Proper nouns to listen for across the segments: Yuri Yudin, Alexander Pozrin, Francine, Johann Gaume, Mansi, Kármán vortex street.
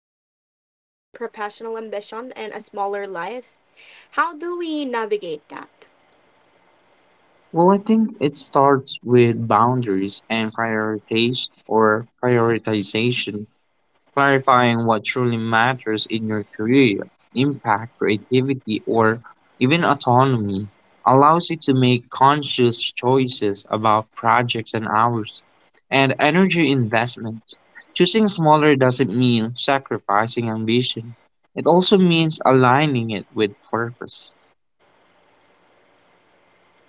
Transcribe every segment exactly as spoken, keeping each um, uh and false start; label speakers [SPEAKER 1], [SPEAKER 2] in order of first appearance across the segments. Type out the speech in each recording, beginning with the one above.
[SPEAKER 1] the tension between professional ambition and a smaller life. How do we navigate that?
[SPEAKER 2] Well, I think it starts with boundaries and priorities or prioritization, clarifying what truly matters in your career, impact, creativity, or even autonomy allows you to make conscious choices about projects and hours and energy investment. Choosing smaller doesn't mean sacrificing ambition. It also means aligning it with purpose.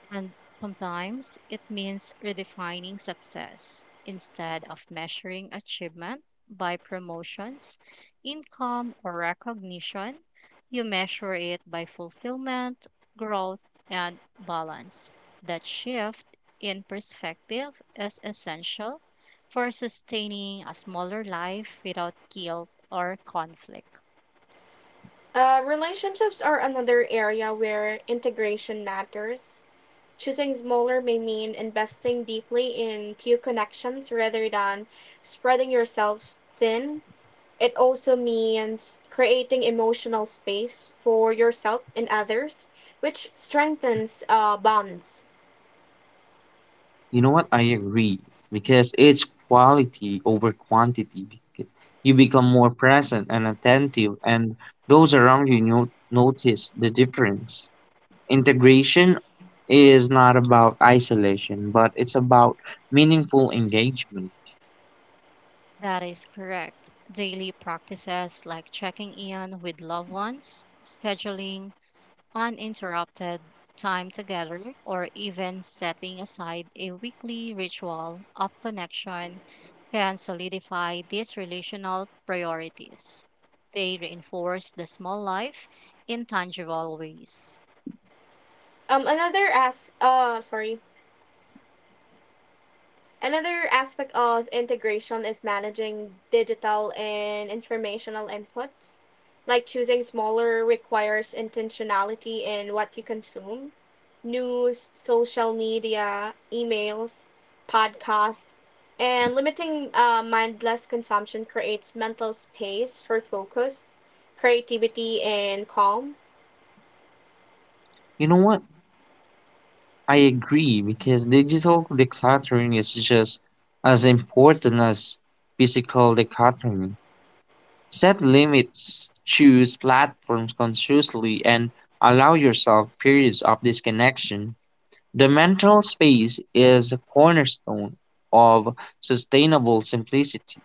[SPEAKER 3] And sometimes it means redefining success. Instead of measuring achievement by promotions, income, or recognition, you measure it by fulfillment, growth, and balance. That shift in perspective is essential for sustaining a smaller life without guilt or conflict.
[SPEAKER 1] Uh, relationships are another area where integration matters. Choosing smaller may mean investing deeply in few connections rather than spreading yourself thin. It also means creating emotional space for yourself and others, which strengthens uh, bonds.
[SPEAKER 2] You know what? I agree because it's quality over quantity. Bec- You become more present and attentive, and those around you no- notice the difference. Integration is not about isolation, but it's about meaningful engagement.
[SPEAKER 3] That is correct. Daily practices like checking in with loved ones, scheduling uninterrupted time together, or even setting aside a weekly ritual of connection can solidify these relational priorities. They reinforce the small life in tangible ways.
[SPEAKER 1] Um, another as uh sorry, Another aspect of integration is managing digital and informational inputs. Like, choosing smaller requires intentionality in what you consume. News, social media, emails, podcasts, and limiting uh, mindless consumption creates mental space for focus, creativity, and calm.
[SPEAKER 2] You know what? I agree because digital decluttering is just as important as physical decluttering. Set limits, choose platforms consciously, and allow yourself periods of disconnection. The mental space is a cornerstone of sustainable simplicity.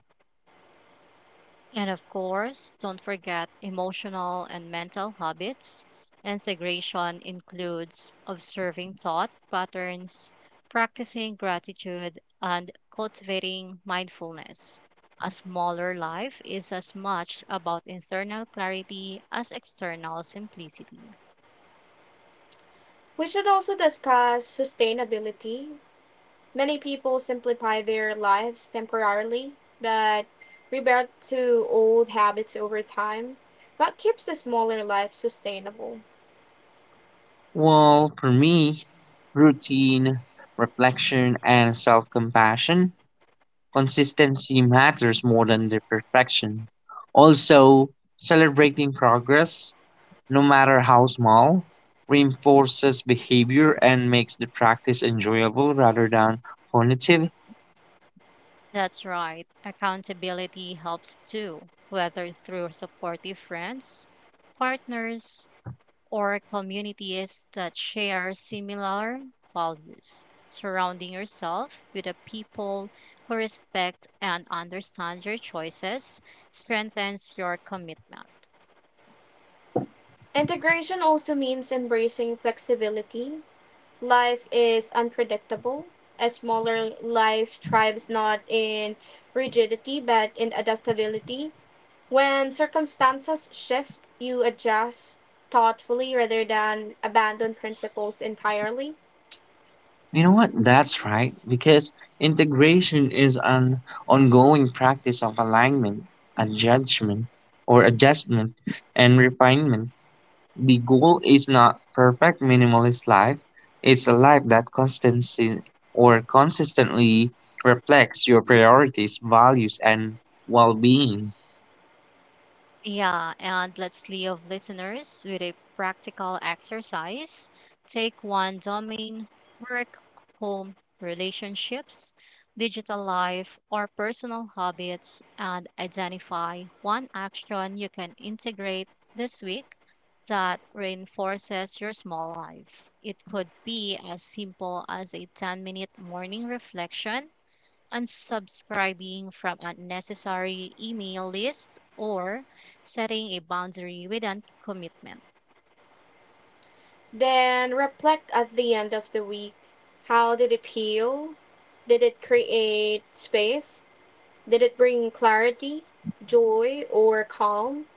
[SPEAKER 3] And of course, don't forget emotional and mental habits. Integration includes observing thought patterns, practicing gratitude, and cultivating mindfulness. A smaller life is as much about internal clarity as external simplicity.
[SPEAKER 1] We should also discuss sustainability. Many people simplify their lives temporarily, but revert to old habits over time. What keeps a smaller life sustainable?
[SPEAKER 2] Well, for me, routine, reflection, and self compassion, consistency matters more than the perfection. Also, celebrating progress, no matter how small, reinforces behavior and makes the practice enjoyable rather than punitive.
[SPEAKER 3] That's right, accountability helps too, whether through supportive friends, partners, or communities that share similar values. Surrounding yourself with the people who respect and understand your choices strengthens your commitment.
[SPEAKER 1] Integration also means embracing flexibility. Life is unpredictable. A smaller life thrives not in rigidity but in adaptability. When circumstances shift, you adjust thoughtfully rather than abandon principles entirely.
[SPEAKER 2] You know what? That's right, because integration is an ongoing practice of alignment, adjustment, or adjustment and refinement. The goal is not perfect minimalist life, it's a life that constantly or consistently reflects your priorities, values, and well being.
[SPEAKER 3] Yeah, and let's leave listeners with a practical exercise. Take one domain, work, home, relationships, digital life, or personal habits, and identify one action you can integrate this week that reinforces your small life. It could be as simple as a ten minute morning reflection, unsubscribing from unnecessary email lists, or setting a boundary with a commitment.
[SPEAKER 1] Then reflect at the end of the week. How did it heal? Did it create space? Did it bring clarity, joy, or calm?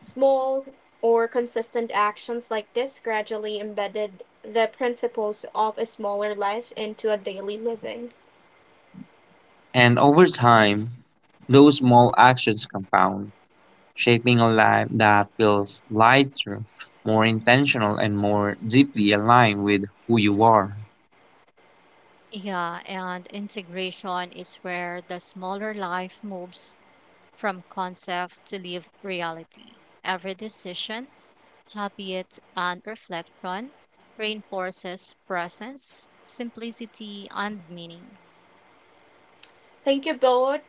[SPEAKER 1] Small or consistent actions like this gradually embedded the principles of a smaller life into a daily living.
[SPEAKER 2] And over time, those small actions compound, shaping a life that feels lighter, more intentional, and more deeply aligned with who you are.
[SPEAKER 3] Yeah, and integration is where the smaller life moves from concept to live reality. Every decision, habit, and reflection reinforces presence, simplicity, and meaning.
[SPEAKER 1] Thank you both,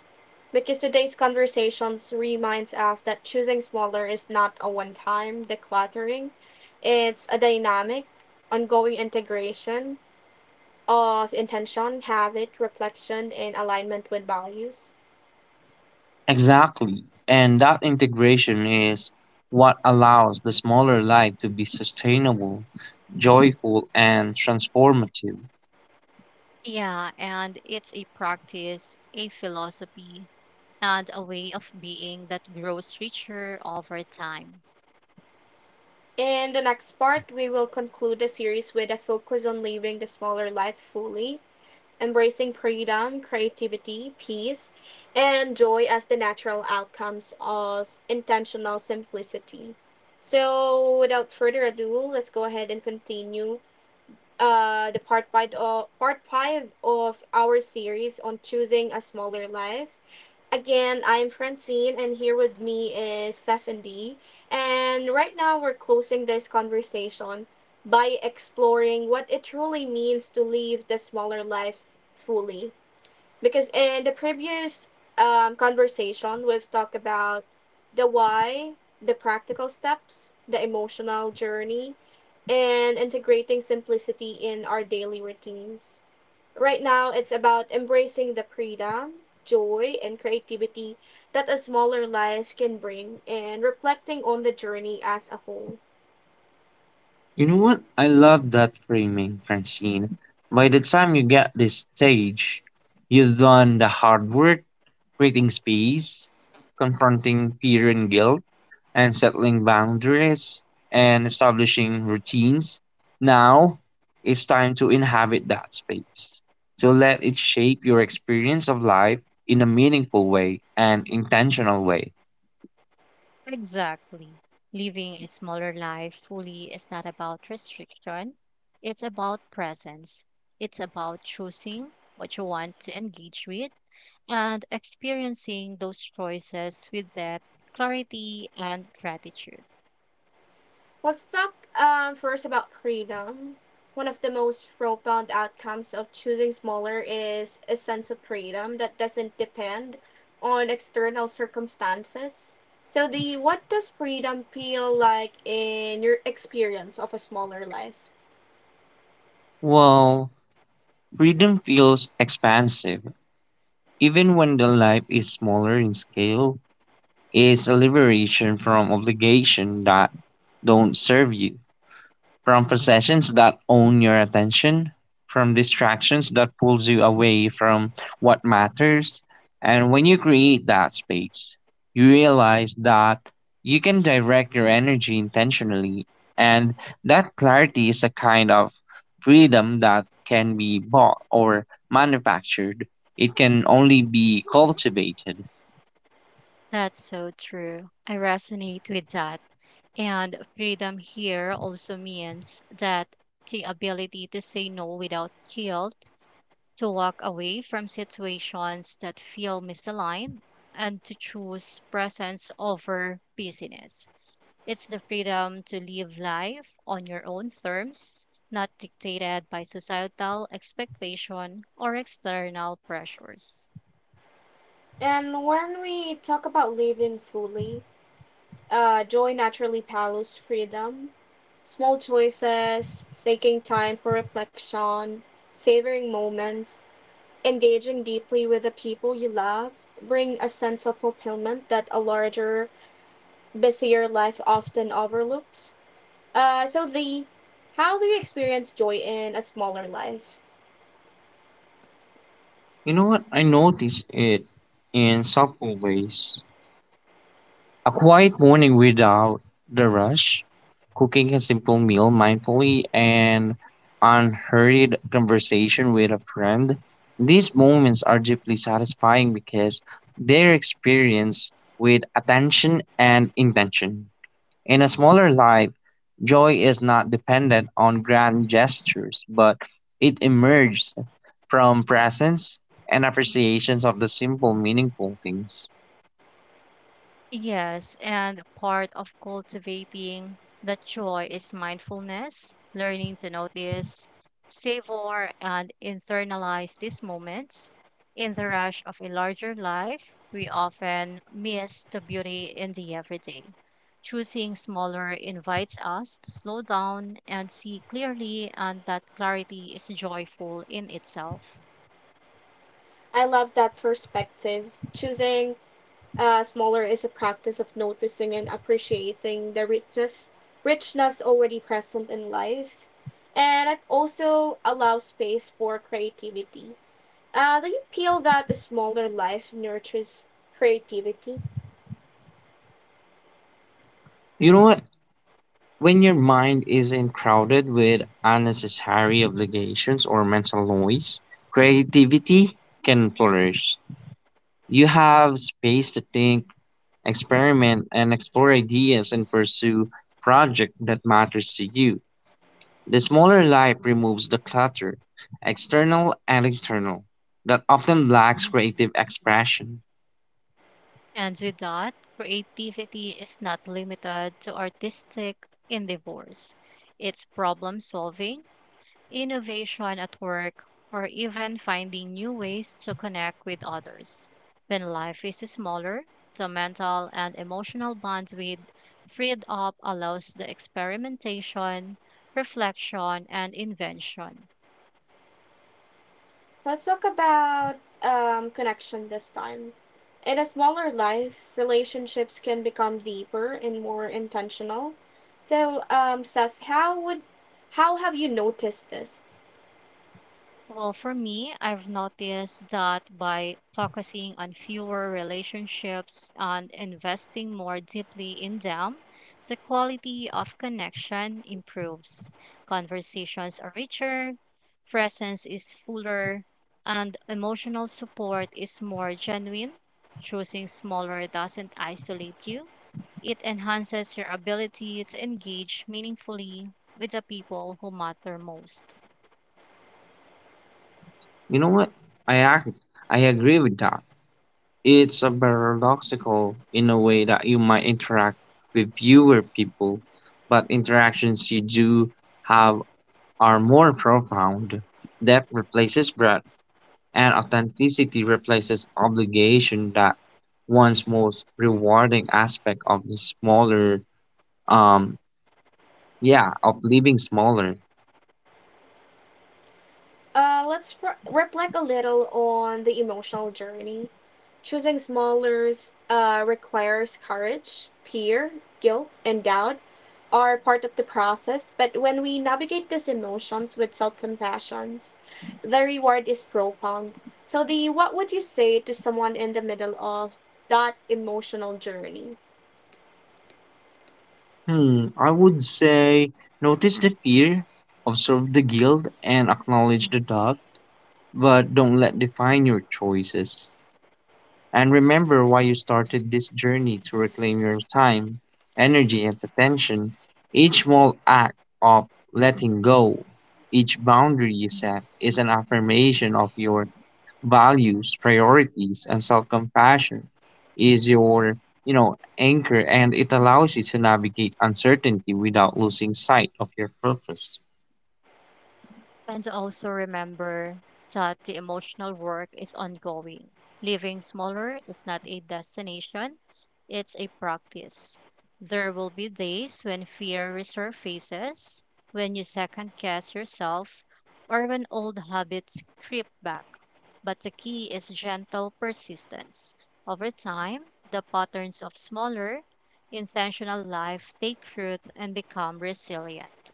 [SPEAKER 1] because today's conversations reminds us that choosing smaller is not a one-time decluttering. It's a dynamic, ongoing integration of intention, habit, reflection, and alignment with values.
[SPEAKER 2] Exactly. And that integration is what allows the smaller life to be sustainable, joyful, and transformative.
[SPEAKER 3] Yeah, and it's a practice, a philosophy, and a way of being that grows richer over time.
[SPEAKER 1] In the next part, we will conclude the series with a focus on living the smaller life fully, embracing freedom, creativity, peace, and joy as the natural outcomes of intentional simplicity. So, without further ado, let's go ahead and continue uh, the part five of, part five of our series on choosing a smaller life. Again, I'm Francine, and here with me is Stephanie. And right now, we're closing this conversation by exploring what it truly means to live the smaller life fully, because in the previous um, conversation we've talked about the why, the practical steps, the emotional journey, and integrating simplicity in our daily routines. Right now it's about embracing the freedom, joy, and creativity that a smaller life can bring, and reflecting on the journey as a whole.
[SPEAKER 2] You know what? I love that framing, Francine. By the time you get this stage, you've done the hard work creating space, confronting fear and guilt, and settling boundaries and establishing routines. Now it's time to inhabit that space. So let it shape your experience of life in a meaningful way and intentional way.
[SPEAKER 3] Exactly. Living a smaller life fully is not about restriction, it's about presence. It's about choosing what you want to engage with and experiencing those choices with that clarity and gratitude.
[SPEAKER 1] Let's talk um, first about freedom. One of the most profound outcomes of choosing smaller is a sense of freedom that doesn't depend on external circumstances. So, the what does freedom feel like in your experience of a smaller life?
[SPEAKER 2] Well, freedom feels expansive. Even when the life is smaller in scale, is a liberation from obligation that don't serve you, from possessions that own your attention, from distractions that pulls you away from what matters. And when you create that space, you realize that you can direct your energy intentionally. And that clarity is a kind of freedom that can be bought or manufactured. It can only be cultivated.
[SPEAKER 3] That's so true. I resonate with that. And freedom here also means that the ability to say no without guilt, to walk away from situations that feel misaligned, and to choose presence over busyness. It's the freedom to live life on your own terms, not dictated by societal expectation or external pressures.
[SPEAKER 1] And when we talk about living fully, uh, joy naturally follows freedom. Small choices, taking time for reflection, savoring moments, engaging deeply with the people you love bring a sense of fulfillment that a larger, busier life often overlooks. Uh, so, Lee, how do you experience joy in a smaller life?
[SPEAKER 2] You know what? I notice it in subtle ways. A quiet morning without the rush, cooking a simple meal mindfully, and unhurried conversation with a friend. These moments are deeply satisfying because they're experienced with attention and intention. In a smaller life, joy is not dependent on grand gestures, but it emerges from presence and appreciations of the simple, meaningful things.
[SPEAKER 3] Yes, and part of cultivating that joy is mindfulness, learning to notice, savor, and internalize these moments. In the rush of a larger life, we often miss the beauty in the everyday. Choosing smaller invites us to slow down and see clearly, and that clarity is joyful in itself.
[SPEAKER 1] I love that perspective. Choosing uh, smaller is a practice of noticing and appreciating the richness richness already present in life, and it also allows space for creativity. Uh, do you feel that a smaller life nurtures creativity?
[SPEAKER 2] You know what? When your mind isn't crowded with unnecessary obligations or mental noise, creativity can flourish. You have space to think, experiment, and explore ideas and pursue projects that matters to you. The smaller life removes the clutter, external and internal, that often lacks creative expression.
[SPEAKER 3] And with that, creativity is not limited to artistic endeavors. It's problem solving, innovation at work, or even finding new ways to connect with others. When life is smaller, the mental and emotional bandwidth freed up allows the experimentation, reflection, and invention.
[SPEAKER 1] Let's talk about um, connection this time. In a smaller life, relationships can become deeper and more intentional. So, um, Seth, how would how have you noticed this?
[SPEAKER 3] Well, for me, I've noticed that by focusing on fewer relationships and investing more deeply in them, the quality of connection improves. Conversations are richer, presence is fuller, and emotional support is more genuine. Choosing smaller doesn't isolate you, it enhances your ability to engage meaningfully with the people who matter most.
[SPEAKER 2] You know what? I, ac- I agree with that. It's a paradoxical in a way that you might interact with fewer people, but interactions you do have are more profound. Depth replaces breadth, and authenticity replaces obligation. That one's most rewarding aspect of the smaller, um, yeah, of living smaller.
[SPEAKER 1] Uh, let's re- reflect a little on the emotional journey. Choosing smallers uh, requires courage. Fear, guilt, and doubt are part of the process, but when we navigate these emotions with self compassion, the reward is profound. So, the what would you say to someone in the middle of that emotional journey?
[SPEAKER 2] Hmm, I would say notice the fear, observe the guilt, and acknowledge the doubt. But don't let define your choices. And remember why you started this journey to reclaim your time, energy, and attention. Each small act of letting go, each boundary you set, is an affirmation of your values, priorities, and self-compassion. Is your you know anchor, and it allows you to navigate uncertainty without losing sight of your purpose.
[SPEAKER 3] And also remember that the emotional work is ongoing. Living smaller is not a destination, it's a practice. There will be days when fear resurfaces, when you second guess yourself, or when old habits creep back. But the key is gentle persistence. Over time, the patterns of smaller, intentional life take root and become resilient.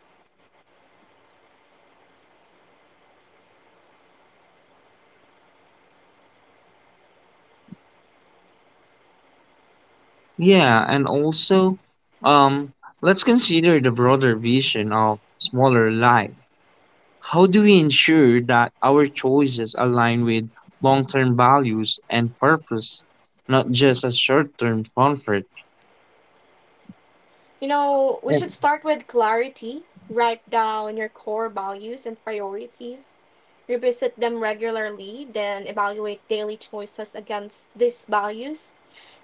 [SPEAKER 2] Yeah, and also, um, let's consider the broader vision of smaller life. How do we ensure that our choices align with long term values and purpose, not just a short term comfort?
[SPEAKER 1] You know, we should
[SPEAKER 2] And—
[SPEAKER 1] start with clarity. Write down your core values and priorities. Revisit them regularly, then evaluate daily choices against these values.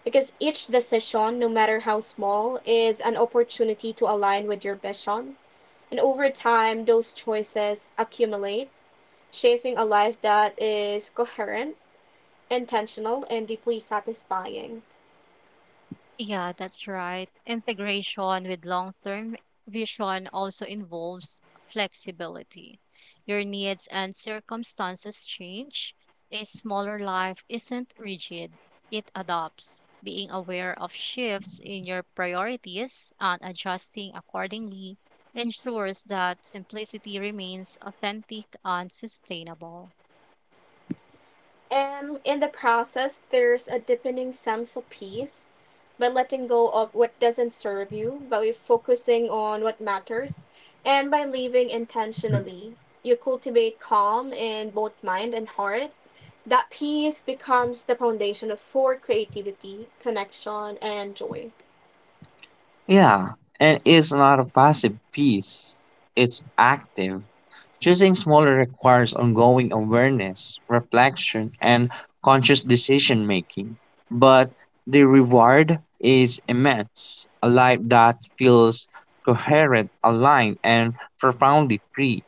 [SPEAKER 1] Because each decision, no matter how small, is an opportunity to align with your vision. And over time, those choices accumulate, shaping a life that is coherent, intentional, and deeply satisfying.
[SPEAKER 3] Yeah, that's right. Integration with long term vision also involves flexibility. Your needs and circumstances change. A smaller life isn't rigid, it adapts. Being aware of shifts in your priorities and adjusting accordingly ensures that simplicity remains authentic and sustainable.
[SPEAKER 1] And in the process, there's a deepening sense of peace. By letting go of what doesn't serve you, by focusing on what matters, and by living intentionally, you cultivate calm in both mind and heart. That peace becomes the foundation for creativity, connection, and joy.
[SPEAKER 2] yeah, and it's not a passive piece, it's active. Choosing smaller requires ongoing awareness, reflection, and conscious decision making, but the reward is immense, a life that feels coherent, aligned, and profoundly free.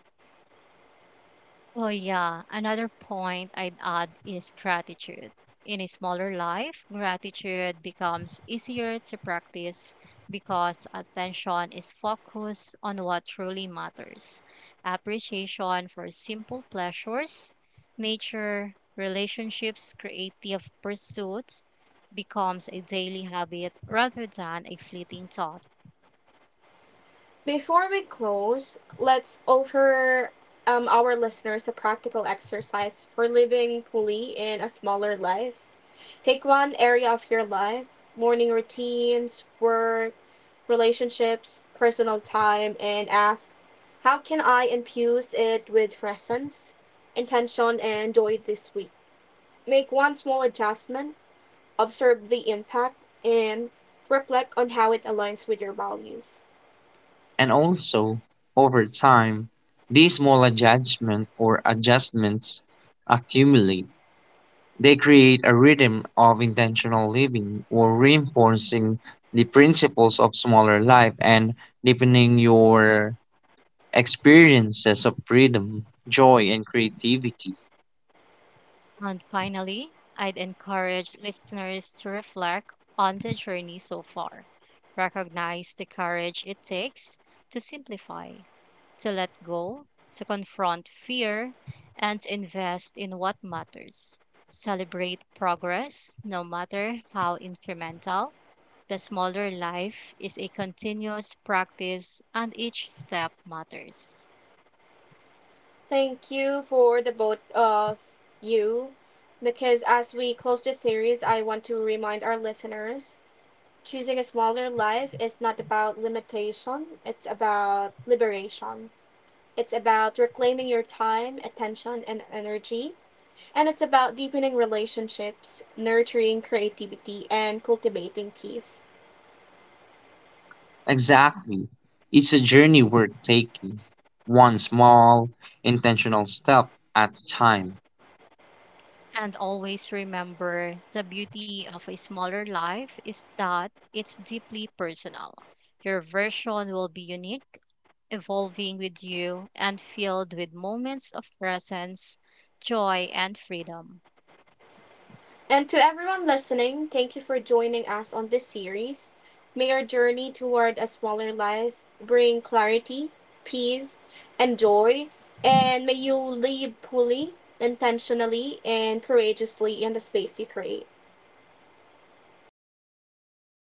[SPEAKER 3] Well, yeah, another point I'd add is gratitude. In a smaller life, gratitude becomes easier to practice because attention is focused on what truly matters. Appreciation for simple pleasures, nature, relationships, creative pursuits becomes a daily habit rather than a fleeting thought.
[SPEAKER 1] Before we close, let's offer um, our listeners a practical exercise for living fully in a smaller life. Take one area of your life, morning routines, work, relationships, personal time, and ask, how can I infuse it with presence, intention, and joy this week? Make one small adjustment, observe the impact, and reflect on how it aligns with your values.
[SPEAKER 2] And also, over time, these small adjustment or adjustments accumulate. They create a rhythm of intentional living or reinforcing the principles of smaller life and deepening your experiences of freedom, joy, and creativity.
[SPEAKER 3] And finally, I'd encourage listeners to reflect on the journey so far. Recognize the courage it takes to simplify, to let go, to confront fear, and to invest in what matters. Celebrate progress, no matter how incremental. The smaller life is a continuous practice, and each step matters.
[SPEAKER 1] Thank you for the both of you, because as we close this series, I want to remind our listeners choosing a smaller life is not about limitation, it's about liberation. It's about reclaiming your time, attention, and energy. And it's about deepening relationships, nurturing creativity, and cultivating peace.
[SPEAKER 2] Exactly. It's a journey worth taking, one small, intentional step at a time.
[SPEAKER 3] And always remember the beauty of a smaller life is that it's deeply personal. Your version will be unique, evolving with you, and filled with moments of presence, joy, and freedom.
[SPEAKER 1] And to everyone listening, thank you for joining us on this series. May our journey toward a smaller life bring clarity, peace, and joy. And may you live fully, intentionally, and courageously in the space you create.